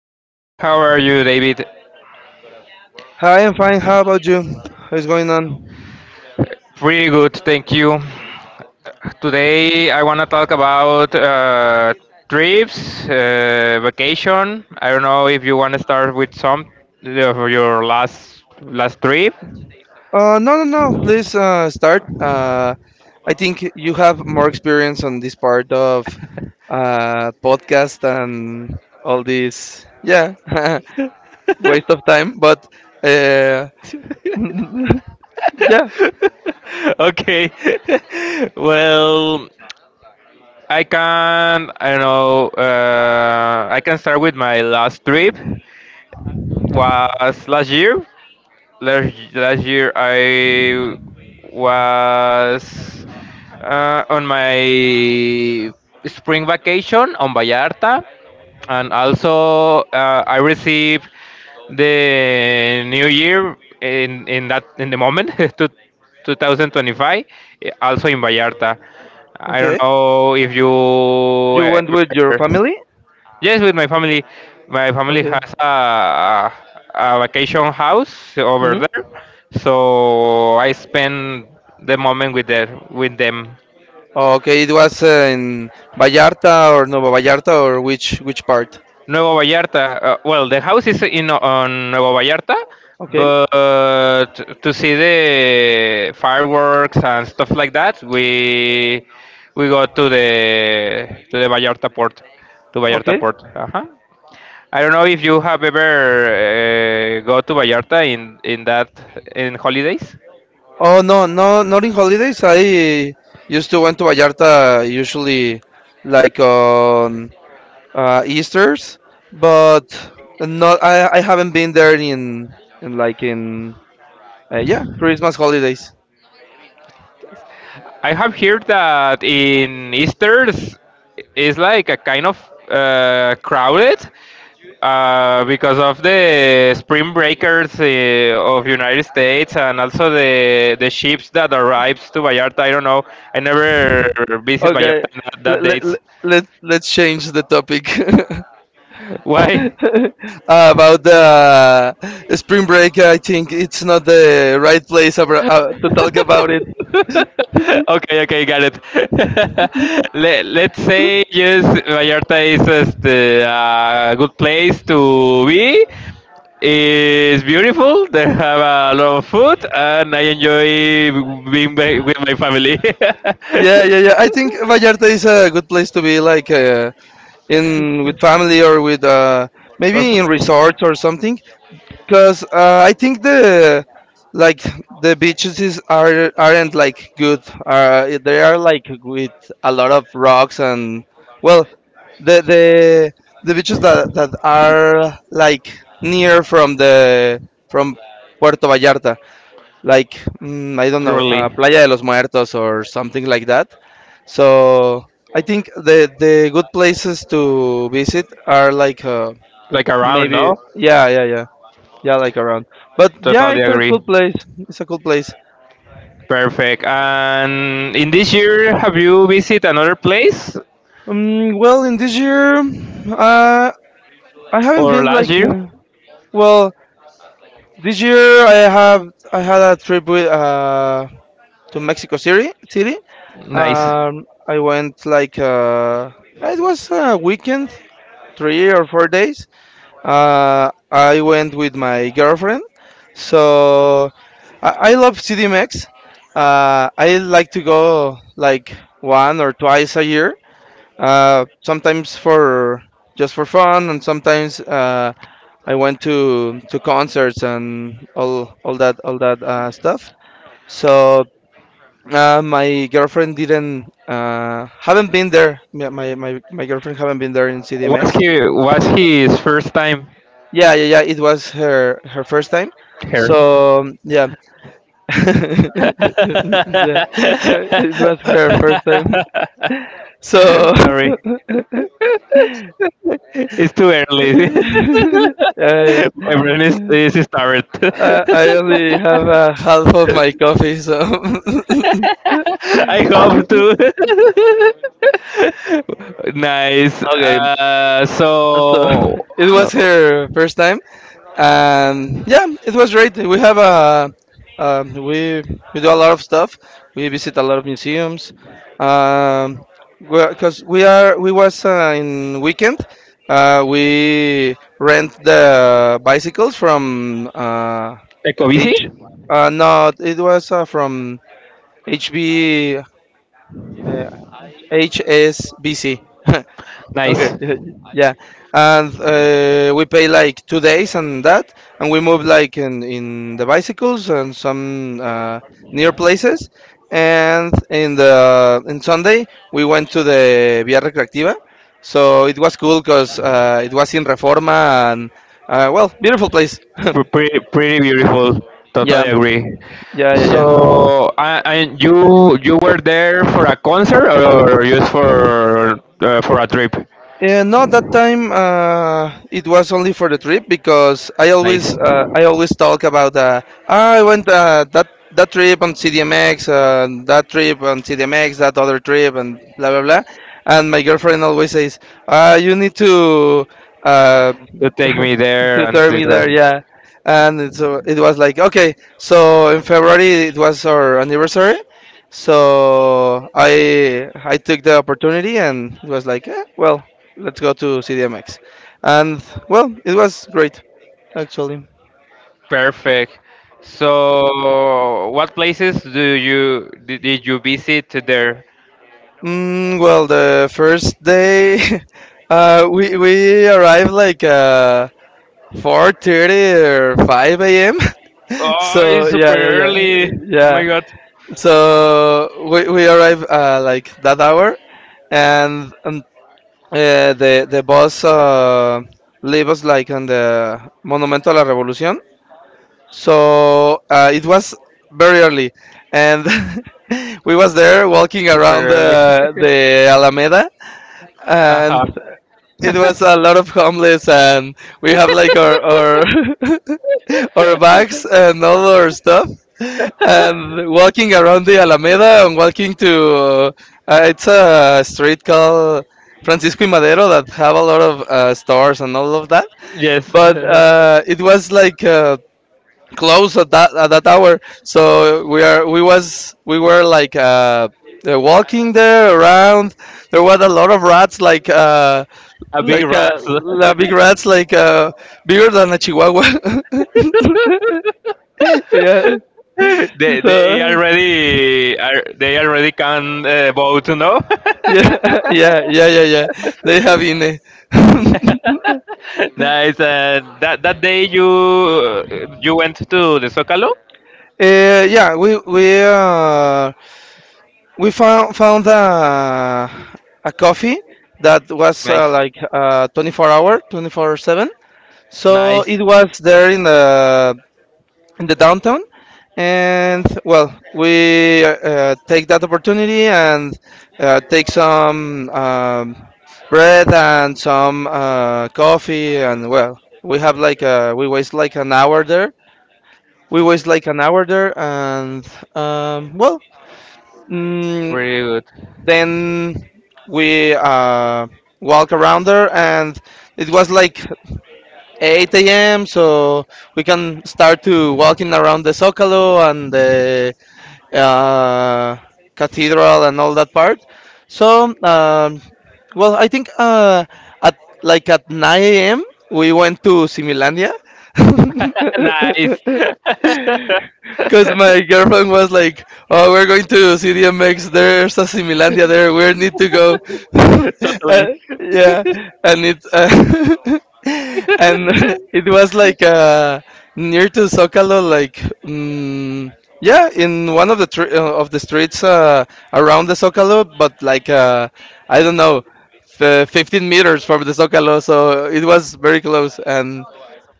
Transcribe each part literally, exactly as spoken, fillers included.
Hi, how are you, David? Hi, I'm fine. How about you? What's going on? Pretty good, thank you. Today I want to talk about uh, trips, uh, vacation. I don't know if you want to start with some of your last last trip. Uh, no, no, no. Please uh, start. Uh, I think you have more experience on this part of uh, podcast and all this. Yeah, waste of time. But uh, yeah, Okay. Well, I can I don't know. Uh, I can start with my last trip. Was last year. last last year I was uh, on my spring vacation on Vallarta, and also uh, I received the New Year in in that in the moment to two thousand twenty-five, eh, also in Vallarta. I don't okay. know if you You went with your ever. family? Yes, with my family. My family Okay. has a, a vacation house over there, hmm so I spend the moment with the, with them. Okay, it was uh, in Vallarta or Nueva Vallarta, or which which part? Nuevo Vallarta. Uh, well, the house is in on Nuevo Vallarta, Okay. but to see the fireworks and stuff like that, we we go to the to the Vallarta port, to Vallarta Okay. port. Uh-huh. I don't know if you have ever uh, go to Vallarta in in that in holidays. Oh no, no, not in holidays. I used to went to Vallarta usually like on uh, Easter's, but not. I I haven't been there in in like in uh, yeah Christmas holidays. I have heard that in Easter's is like a kind of uh, crowded uh, because of the spring breakers uh, of United States and also the the ships that arrives to Vallarta. I don't know. I never visit Okay, Vallarta in that, let that let dates. let let's change the topic, Why? about the spring break. I think it's not the right place abra- uh, to talk about it. Okay, okay, got it. Let, let's say yes, Vallarta is este, a good place to be. It's beautiful. They have a lot of food, and I enjoy being ba- with my family. Yeah, yeah, yeah. I think Vallarta is a good place to be, like uh, in with family or with uh, Or maybe in friends, resorts or something, because uh, I think the like the beaches is, are aren't like good, uh, they are like with a lot of rocks, and well, the the the beaches that, that are like near from the from Puerto Vallarta, like mm, I don't know, truly. uh, Playa de los Muertos or something like that. So I think the the good places to visit are like uh, Like around, maybe, no? yeah, yeah, yeah, yeah, like around. But yeah, Totally it's a agree. cool place. It's a cool place. Perfect. And in this year, have you visited another place Um, well, in this year, uh, I haven't or been last like year? uh, well, this year. I have I had a trip with uh, to Mexico City. City. Nice. Um, I went like uh, it was a weekend, three or four days. Uh, I went with my girlfriend. So I, I love C D M X. Uh, I like to go like one or twice a year. Uh, sometimes for just for fun, and sometimes uh, I went to to concerts and all all that all that uh, stuff. So uh, my girlfriend didn't uh, haven't been there. My, my my my girlfriend haven't been there in What's C D M X. he? What's his first time Yeah, yeah, yeah. It was her her first time. here? So um, yeah, yeah. It was her first time. So Sorry, it's too early. yeah, My yeah. brain is is started. I, I only have uh, half of my coffee, so I hope okay. to. Nice. Uh, So so, it was her first time. And yeah, it was great. We have a um, we we do a lot of stuff. We visit a lot of museums. um because we are we was uh, in weekend, uh, we rent the bicycles from uh, Ecovisi? h uh, no, it was uh, from hb uh, HSBC. Okay, Nice. yeah, and uh, we pay like two days and that, and we move like in in the bicycles and some uh, near places, and in the in Sunday we went to the Via Recreativa, so it was cool because uh, it was in Reforma and, uh, well, beautiful place. Pre- Pretty, pretty beautiful. Yeah, Totally agree. yeah, yeah, yeah. So, uh, and you you were there for a concert or just for uh, for a trip? Yeah, no, that time uh, it was only for the trip because I Nice. always uh, I always talk about, uh, "Ah, I went uh, that that trip on C D M X, uh, that trip on C D M X, that other trip, and blah blah blah." And my girlfriend always says, uh, "You need to uh, To take me there to and turn take me there." the- Yeah, and it- so it was like, okay, so in February it was our anniversary, so i i took the opportunity, and it was like, eh, well, let's go to CDMX. And, well, it was great, actually. perfect. So, what places do you did, did you visit there? Mm, well, the first day, uh, we we arrived like uh four thirty or five a m Oh, So it's yeah, super yeah, yeah, early. Oh yeah. my god, So we, we arrived uh, like that hour, and, and uh, the the bus uh, leave us like on the Monumento a la Revolucion, so uh, it was very early, and we was there walking super around early. the the Alameda, and Uh-huh. it was a lot of homeless, and we have like our, our our bags and all our stuff, and walking around the Alameda and walking to, uh, it's a street called Francisco y Madero that have a lot of uh, stores and all of that. Yes. But uh, it was like uh, close at that at that hour, so we are we was we were like uh, uh, walking there around. There was a lot of rats, like uh, A big like uh, rat. la- big rats, like uh, bigger than a chihuahua. Yeah, they they so already are they already can uh, vote, no? yeah, yeah, yeah, yeah, yeah. They have in it. Nice. Uh, that that day you you went to the Zocalo. Uh, yeah, we we uh, we found found a a coffee that was uh, Nice, like uh, twenty-four hour, twenty-four seven. So nice. it was there in the in the downtown. And well, we uh, uh, take that opportunity and uh, take some um, bread and some uh, coffee. And well, we have like uh we waste like an hour there. We waste like an hour there, and um, well, mm, Pretty good. then we uh, walk around there, and it was like eight a m. So we can start to walking around the Zocalo and the uh, cathedral and all that part. So, um, well, I think uh, at like at nine a m we went to Similandia. Nice. Because my girlfriend was like, "Oh, we're going to C D M X. There's a Similandia there. We need to go." Totally. uh, yeah, and it uh, and it was like uh, near to Zocalo, like mm, yeah, in one of the tr- uh, of the streets uh, around the Zocalo, but like uh, I don't know, f- fifteen meters from the Zocalo, so it was very close, and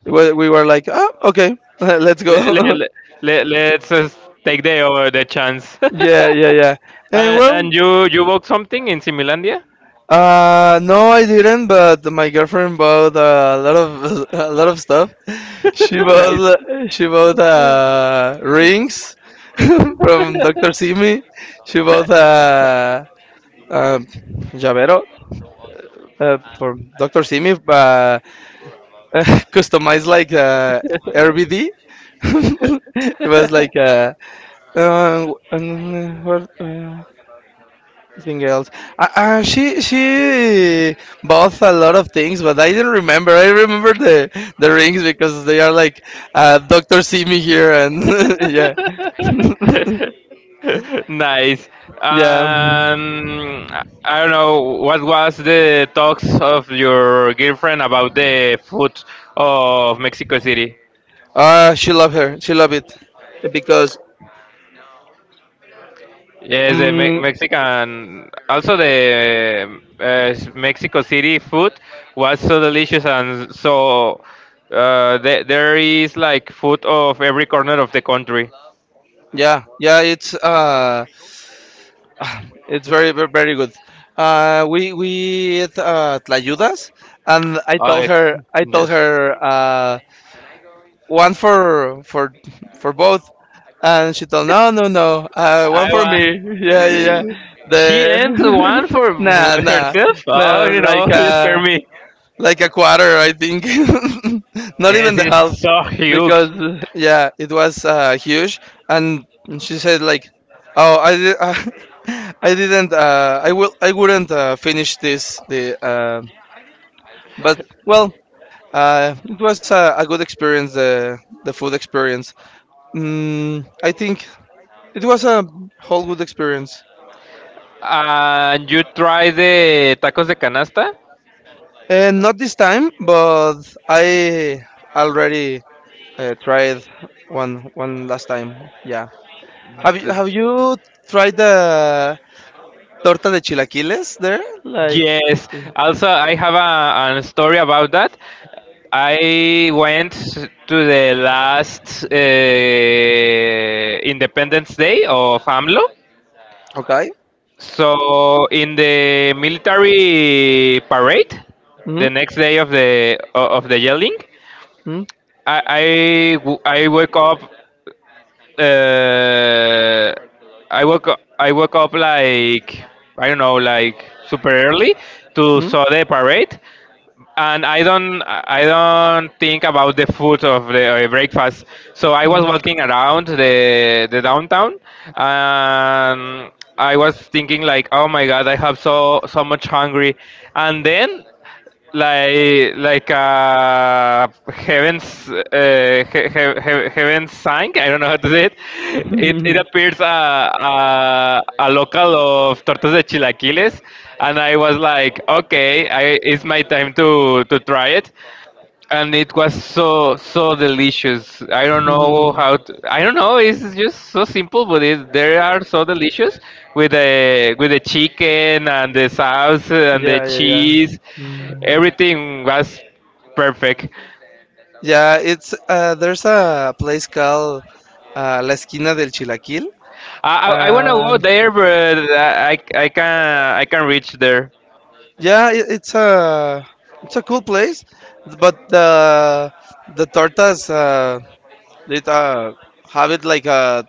we we were like, "Oh, okay, let's let, go." let, let, let's just take the over the chance. Yeah, yeah, yeah. And uh, well, and you you bought something in Similandia? uh, no, I didn't. But my girlfriend bought uh, a lot of a lot of stuff. She Nice. bought she bought uh, rings from Doctor Simi. She bought a uh, uh, llavero uh, from Doctor Simi, uh, customized like uh, R B D. It was like uh, uh, what, uh, nothing else. Uh, uh, she she bought a lot of things, but I didn't remember. I remember the the rings because they are like uh, Doctor See Me Here, and yeah. Nice. Yeah. Um, I I don't know what was the talks of your girlfriend about the food of Mexico City. Uh, she loved her. She loved it because, Yes, the Me- um, Mexican, also the uh, Mexico City food was so delicious and so uh, the there is like food of every corner of the country. yeah, yeah. It's uh, it's very, very, very good. Uh, we we ate uh, tlayudas, and I told Alex, her I told yes. her uh, one for for for both. And she told, no, no, no, uh, I one for me. want. Yeah, yeah, yeah. The She ends one for nah, nah, herself. Oh, nah, you know, like you scare a me. like a quarter, I think. Not even Yes, the half, it's so huge. because yeah, it was uh, huge. And she said like, "Oh, I did, uh, I didn't, uh, I will, I wouldn't uh, finish this." The, uh, but well, uh, it was a, a good experience. The the food experience. Mm, I think it was a whole good experience, And you try the tacos de canasta? and not this time, but I already uh, tried one one last time. Yeah, have you Th- have you tried the torta de chilaquiles there? Like, Yes. Also, I have a, a story about that. I went to the last uh, Independence Day of AMLO. okay. So in the military parade, Mm the next day of the o- of the yelling, -hmm. I I, w- I woke up. Uh, I woke up, I woke up like I don't know like super early to Mm saw the parade, and I don't I don't think about the food of the uh, breakfast. So I was walking around the the downtown, and I was thinking like, oh my god, I have so so much hungry, and then like like uh heavens uh, he, he, he- heaven sang. I don't know how to say it. It, it -hmm. appears a, a a local of tortas de chilaquiles and I was like, okay, I, it's my time to to try it, and it was so so delicious. I don't know how to, I don't know. It's just so simple, but it, they are so delicious with the with the chicken and the sauce and the Yeah, yeah, yeah. cheese. Mm. Everything was perfect. Yeah, it's uh, there's a place called uh, La Esquina del Chilaquil. I I, I wanna go Um there, but I I can I can reach there. Yeah, it, it's a it's a cool place, but the the tortas uh, it uh, have it like uh,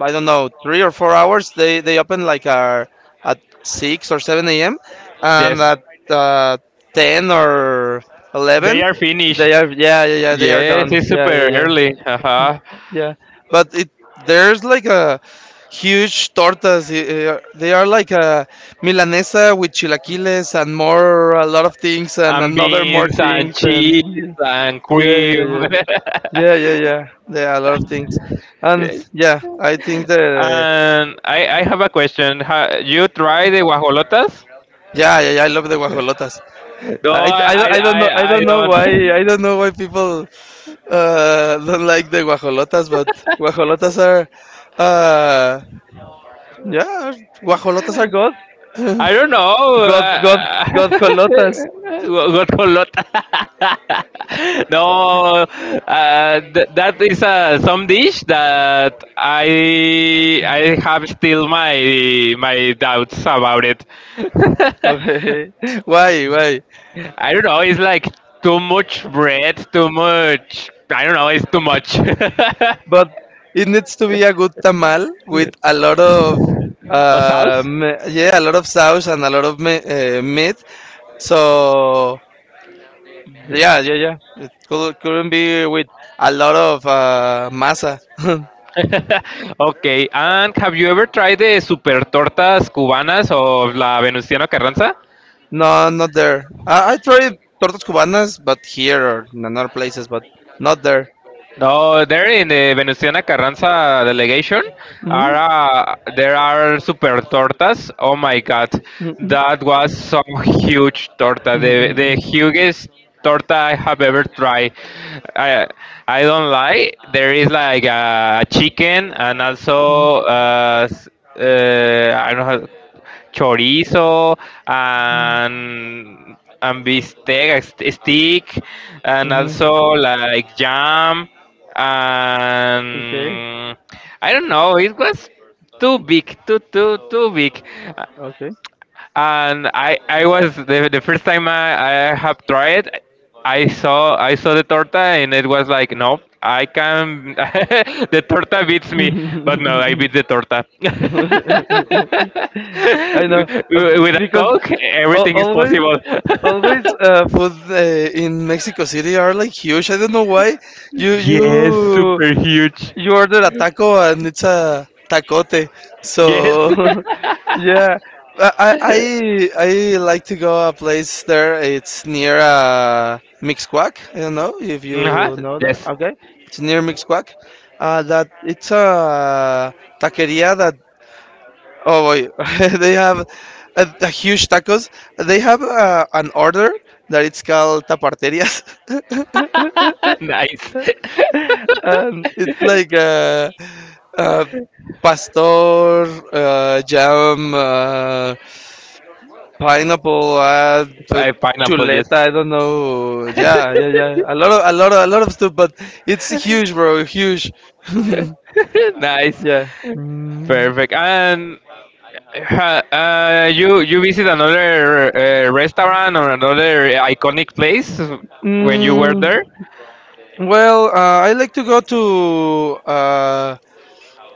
I don't know, three or four hours. They they open like uh, at six or seven a m, and Yes, at uh, ten or they eleven are finished. they are, yeah, yeah, yeah, they are Yes, done, it's yeah, yeah, super yeah. early. Uh-huh. Yeah, but it there's like a huge tortas. eh, They are like a milanesa with chilaquiles and more, a lot of things, and And another more beans and things, cheese and and yeah, yeah, cream. yeah, yeah, yeah, yeah, yeah, a lot of things. And Yes. yeah, I think the, And I, I have a question. Ha, you try the guajolotas? yeah, yeah, yeah, I love the guajolotas. No, I, I, I, don't- I, I don't know, I I, I don't know don't. why I don't know why people uh, don't like the guajolotas, but guajolotas are uh, yeah, guajolotas are good. I don't know. God, God, Uh, God jolotas. gu- guajolota. No, uh, th- that is uh, some dish that I I have still my my doubts about it. Okay. Why, why? I don't know. It's like too much bread, too much. I don't know. It's too much. But it needs to be a good tamal with a lot of, Or uh, sauce. me- yeah, a lot of sauce and a lot of me- uh, meat. So, yeah, yeah, yeah. It could, couldn't be with a lot of uh, masa. Okay. And have you ever tried the super tortas cubanas of La Venustiano Carranza? No, not there. I, I tried tortas cubanas, but here or in other places, but not there. No, there in the Venustiana Carranza delegation are Hmm. uh, there are super tortas. Oh my god, Hmm. that was some huge torta, the the Hmm. hugest torta I have ever tried. I I don't lie. There is like a chicken and Hmm. also uh, s- uh, I don't know how chorizo and and bistec st- stick and Hmm. also like jam Okay. and I don't know it was too big too too too big Okay. and I I was the, the first time I, I have tried I saw I saw the torta and it was like no I can the torta beats me but I no I beat the torta know, uh, with a because coke al- everything is always, possible always uh, food uh, in Mexico City are like huge. I don't know why. You yes you super huge you order a taco and it's a tacote. yes So yeah, I I I I like to go a place there. It's near uh, Mixquack. I don't know if uh-huh. you know that. Yes Okay, it's near Mixquack. Uh, that it's a taqueria that, oh boy, they have a, a huge tacos. They have uh, an order that it's called taparterias, nice and it's like uh, uh, pastor, uh, jam, uh, pineapple, uh, t- Uh, pineapple yes chuleta. I don't know. Yeah, yeah, yeah. A lot of, a lot of, a lot of stuff, but it's huge, bro. Huge. nice. Yeah. Mm. Perfect. And ha- uh, you you visit another uh, restaurant or another iconic place when you were Mm, there? well, uh, I like to go to uh,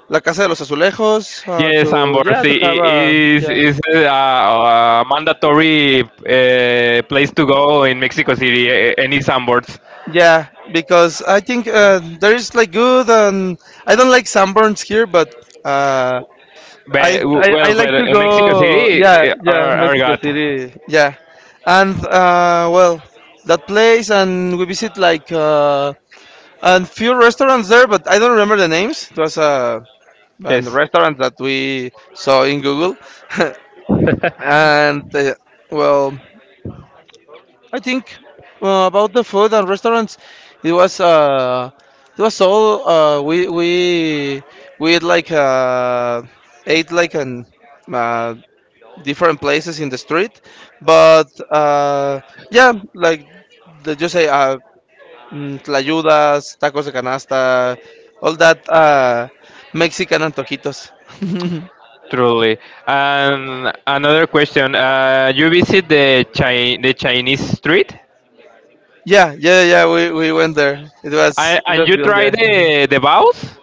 La Casa de los Azulejos uh, Yes, to, Ambor. yeah, to See, have it a is yeah, is a, a mandatory uh, place to go in Mexico City. Eh, any Sambors. yeah, because I think uh, there is like good. And I don't like sunburns here, but uh, I, But, I I well, like to but in Mexico go, City, yeah, eh, yeah, are are Mexico God. City, yeah. And uh, well that place, and we visit like uh, and few restaurants there, but I don't remember the names. It was uh, and the Yes. restaurant that we saw in Google. and uh, well I think uh, About the food and restaurants, it was uh, it was all uh, we we we ate like uh, ate like an uh, different places in the street, but uh, yeah, like, the, you say, uh, mm, tlayudas, tacos de canasta, all that uh, Mexican antojitos. Truly. And another question. Uh, you visit the Chi- the Chinese street, Yeah, yeah, yeah. We, we went there. It was and, it and was you real. try Yeah. the the baos.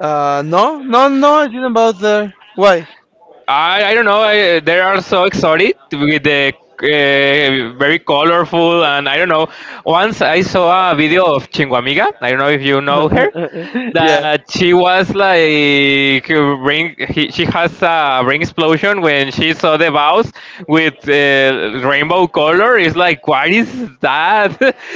Uh, no, no, no, I didn't bother. Why? I, I don't know. I, they are so exotic with the uh, very colorful and I don't know. Once I saw a video of Chinguamiga. I don't know if you know her. Yeah. That she was like ring. He, she has a ring explosion when she saw the bows with uh, rainbow color is like what is that?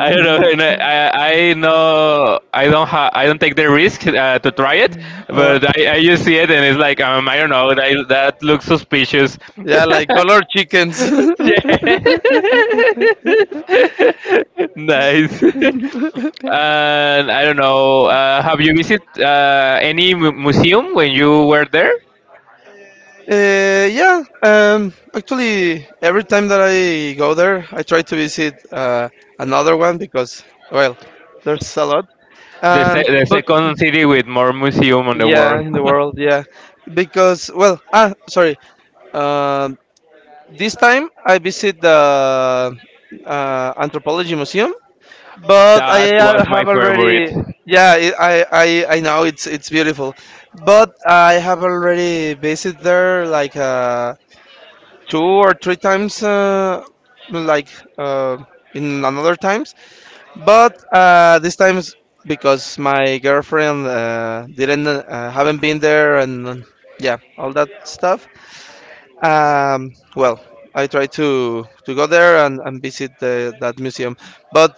I don't know. And I, I I know I don't ha- I don't take the risk uh, to try it, Uh, but I, I just see it and it's like um I don't know that that looks suspicious. yeah, like colored chickens. Yeah. Nice. And I don't know. Uh, have you visited uh, any mu- museum when you were there? Uh, yeah, um, Actually, every time that I go there, I try to visit uh, another one, because, well, there's a lot. The, se- Um, the but second city with more museum on the yeah, world. in the world, yeah, because, well, ah, sorry. Um, This time I visit the uh, anthropology museum, but That I was al- my have favorite. already, yeah, it- I, I I know it's it's beautiful, but I have already visited there like uh, two or three times uh, like uh, in another times, but uh, this time is because my girlfriend uh, didn't uh, haven't been there. And yeah, all that stuff. um, well, I try to to go there and, and visit the, that museum, but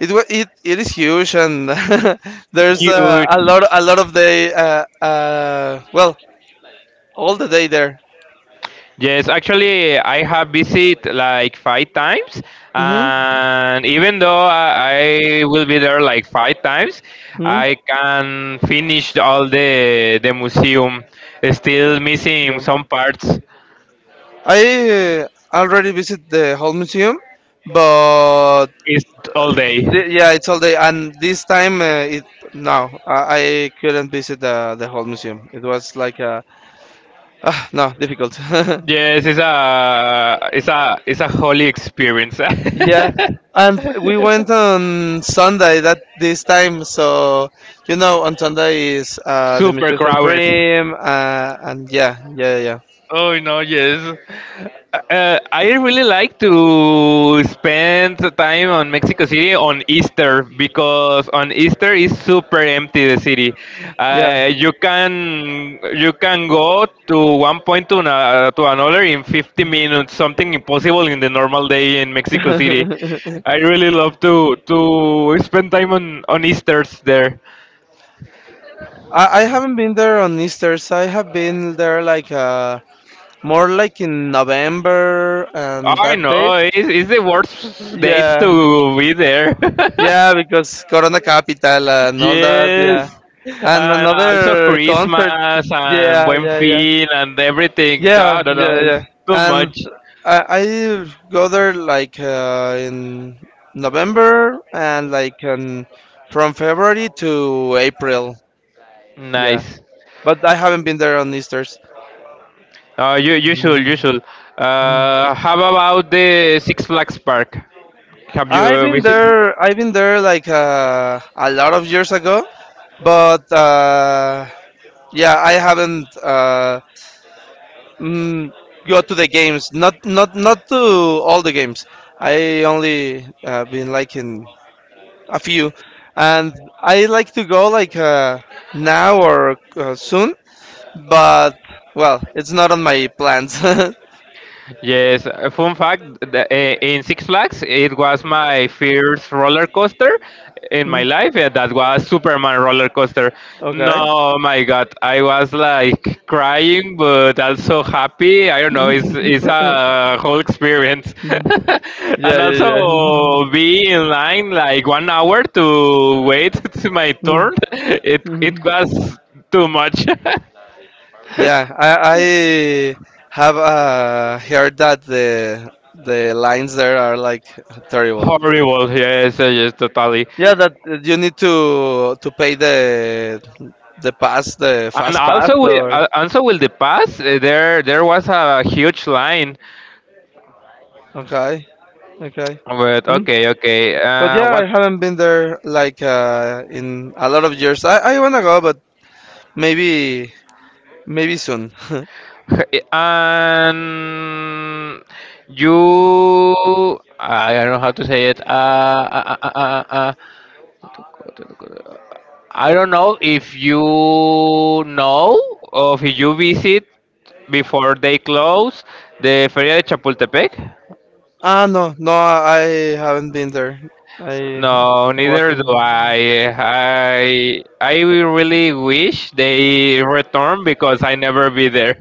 it wa- it, it is huge and there's uh, a Huge. lot a lot of the uh, uh, well all the day there. Yes, actually, I have visited like five times, Hmm. and even though I, I will be there like five times, Hmm. I can finish all the the museum. Still missing Yeah. some parts. I uh, already visit the whole museum, but It's all day. the, yeah, it's all day. And this time, uh, it no, I, I couldn't visit the the whole museum. It was like uh, ah, no difficult. Yes, it's a it's a it's a holy experience. Yeah, and we went on Sunday that this time. So you know, on Sunday is uh, the Super museums are crowded. free, uh, and yeah, yeah, yeah, Oh no, yes. Uh, I really like to spend the time on Mexico City on Easter because on Easter is super empty the city. yeah. Uh, you can you can go to one point to, na- to another in fifty minutes, something impossible in the normal day in Mexico City. I really love to to spend time on on Easter's there. I I haven't been there on Easter, so I have been there like uh more like in November and I that know date. it's, it's the worst dates Yeah, to be there. yeah, because Corona Capital and all that. Yeah, Yes, and and also another concert. Christmas and Yeah, Buen yeah, yeah. Fin and everything. No, Yeah, no, no, yeah, yeah. it's too And much. I, I go there like uh, in November and like um, from February to April. Yeah, Nice. but I haven't been there on Easter's. Uh, you you should you Mhm. should. Uh, how about the Six Flags Park? Have I've you been visited? there. I've been there like uh, a lot of years ago, but uh, yeah, I haven't uh, mm, go to the games. Not not not to all the games. I only uh, been like in a few, and I like to go like uh, now or uh, soon, but, well, it's not on my plans. Yes, uh, fun fact, the, uh, in Six Flags, it was my first roller coaster in my Mm. life, and that was Superman roller coaster. Okay. No, my God, I was like crying, but also happy. I don't know, it's, it's a whole experience. Yeah, And yeah, yeah. also be in line like one hour to wait to my turn. It, it was too much. Yeah, I, I have uh, heard that the the lines there are like terrible. Horrible, yes, yes, totally. Yeah, that uh, you need to to pay the the pass, the And fast pass, also, with, or uh, also with the pass, uh, there there was a huge line. okay, okay. But okay, okay. But Uh, yeah, I what? haven't been there like uh, in a lot of years. I, I wanna go, but maybe, maybe soon. And you, I don't know how to say it. Uh, uh, uh, uh, uh, uh, I don't know if you know or if you visit before they close the Feria de Chapultepec. Ah, no, no, I haven't been there. I No, I neither do wasn't. I. I I really wish they return because I never be there.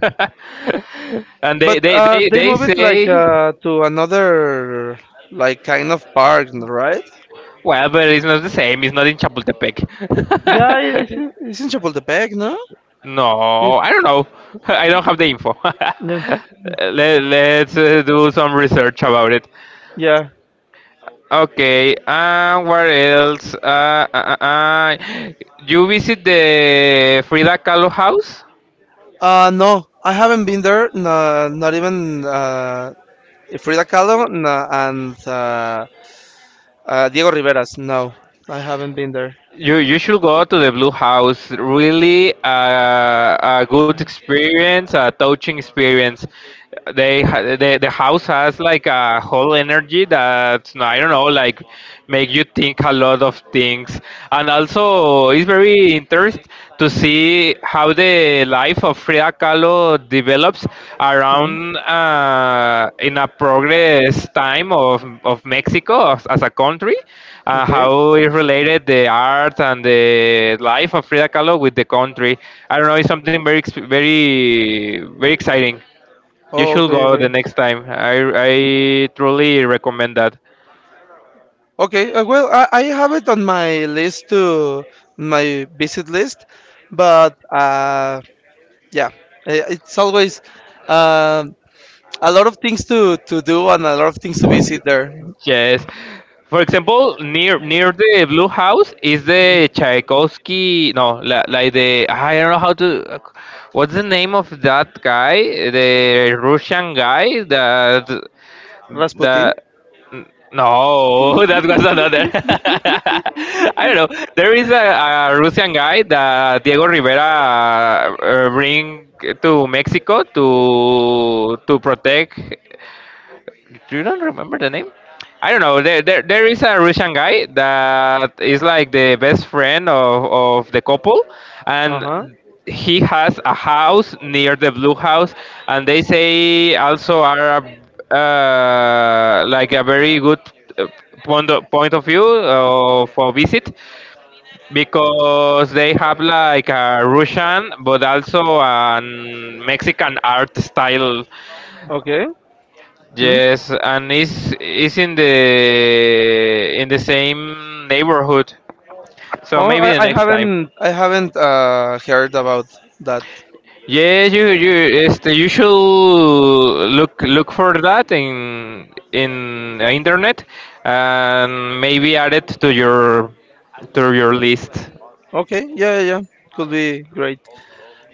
And they, But they, uh, they, they they moved it like say, uh, to another, like, kind of park, right? well, but it's not the same. It's not in Chapultepec. Yeah, it's in, it's in Chapultepec, no? It, No, I don't know. I don't have the info. yeah, Let, let's uh, do some research about it. yeah. Okay, uh, what else? Uh, uh, uh, uh, you visit the Frida Kahlo house? Uh, no, I haven't been there. No, not even uh, Frida Kahlo, no, and uh, uh, Diego Rivera's. No, I haven't been there. You you should go to the Blue House. Really, uh, a good experience, a touching experience. They ha- the the house has like a whole energy that, I don't know, like make you think a lot of things, and also it's very interesting to see how the life of Frida Kahlo develops Hmm. around uh, in a progress time of, of Mexico as, as a country, uh, Okay. how it related the art and the life of Frida Kahlo with the country. I don't know, it's something very ex- very very exciting. You Oh, should okay, go the okay. next time. I, I truly recommend that. Okay, uh, well, I, I have it on my list, to my visit list, but uh, yeah, i- it's always uh, a lot of things to, to do, and a lot of things to visit there. Yes. For example, near near the Blue House is the Mm. Tchaikovsky. No, li- like the, I don't know how to. What's the name of that guy? The Russian guy that Rasputin. the. No, that was another. I don't know. There is a, a Russian guy that Diego Rivera, uh, bring to Mexico to to protect. Do you not remember the name? I don't know. There, there, there is a Russian guy that is like the best friend of, of the couple, Uh and huh. he has a house near the Blue House, and they say also are, uh, like a very good, uh, point of, point of view, uh, for visit because they have like a Russian but also a Mexican art style. Okay. Mm. Yes, and it's it's in the in the same neighborhood. So Oh, maybe I, the I next time. haven't, I haven't uh, heard about that. Yes, you you este, you should look look for that in in uh, internet and maybe add it to your to your list. Okay. Yeah, yeah, yeah. Could be great.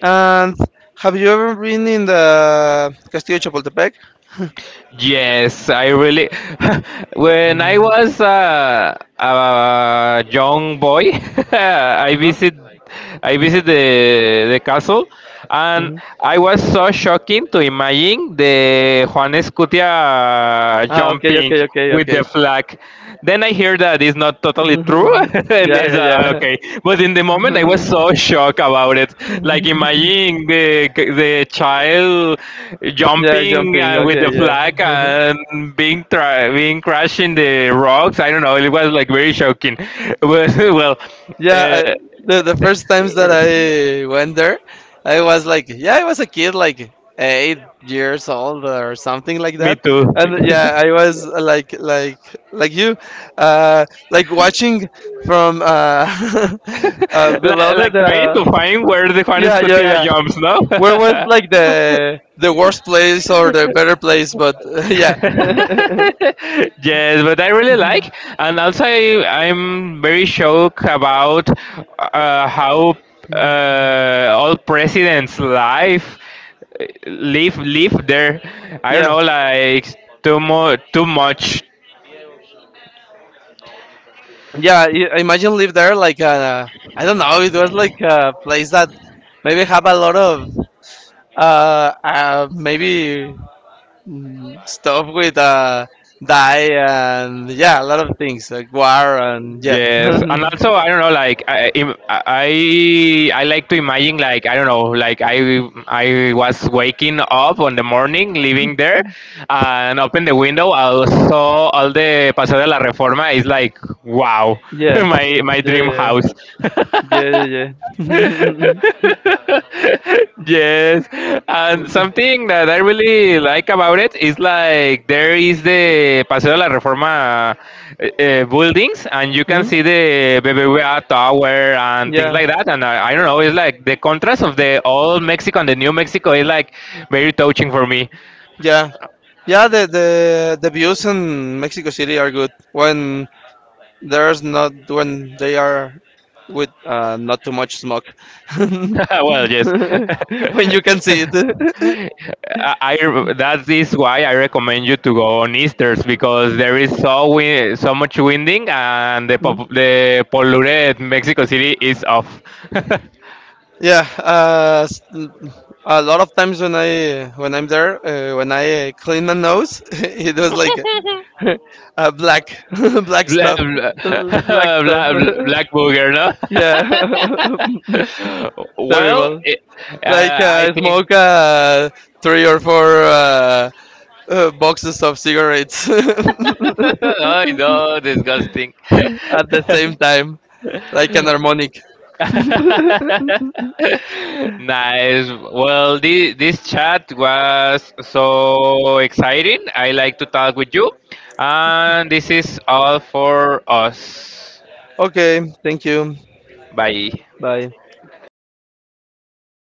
And have you ever been in the Castillo de Chapultepec? Yes, I really. When I Mm. was, uh, a young boy, I Uh-huh. visit, I visit the the castle, and Hmm. I was so shocking to imagine the Juan Escutia Ah, okay, jumping okay, okay, with okay. the flag. Then I hear that it's not totally true, and Yeah, it's, yeah, uh, okay. yeah. But in the moment, I was so shocked about it. Like imagine the the child Yeah, jumping jumping. and with the Okay, flag yeah. and being tra- being crashed in the rocks. I don't know. It was like very shocking. Well, well Yeah, I, uh, the the first times that I went there, I was like, yeah, I was a kid, like eight years old or something like me that, too. and yeah, I was uh, like like like you, uh, like watching from uh, uh like, below the, like trying to the find where the Juan yeah, yeah, Escutia yeah. jumps, no? Where was like the the worst place or the better place? But yeah, Yes, but I really like, and also, I, I'm very shocked about, uh, how, uh, all presidents' life, uh, live live there. I don't yeah. know, like too mo- too much. Yeah, i- imagine live there like uh, I don't know. It was like a place that maybe have a lot of uh, uh maybe mm, stuff with uh dye, and yeah, a lot of things like war, and yeah, Yes, and also I don't know, like I im- I I like to imagine, like, I don't know, like I I was waking up on the morning, living there, and open the window, I saw all the Paseo de la Reforma. It's like wow, yeah, my my dream yeah, house. yeah, yeah. Yeah. Yes, and something that I really like about it is like there is the Paseo de la Reforma, uh, uh, buildings, and you can Hmm? see the B B V A tower and things Yeah, like that. And I, I don't know, it's like the contrast of the old Mexico and the new Mexico is like very touching for me. yeah, yeah. The the the views in Mexico City are good. When there's not, when they are with uh, not too much smoke. Well, yes. When you can see it. I, I- that is why I recommend you to go on Easter's because there is so wi- so much winding and the Hmm. pop- the polluted Mexico City is off. Yeah, uh, s- a lot of times when I, when I'm there, uh, when I clean my nose, it was like uh, black, black Bla- stuff, bla- black stuff. bla- black booger, Yeah. no? Well, Terrible. it, Like uh, I uh, I think. smoke uh, three or four uh, uh, boxes of cigarettes Oh no, disgusting. at the same time, like an harmonic. Nice. Well, this, this chat was so exciting. I like to talk with you. And this is all for us. Okay, thank you. Bye. Bye.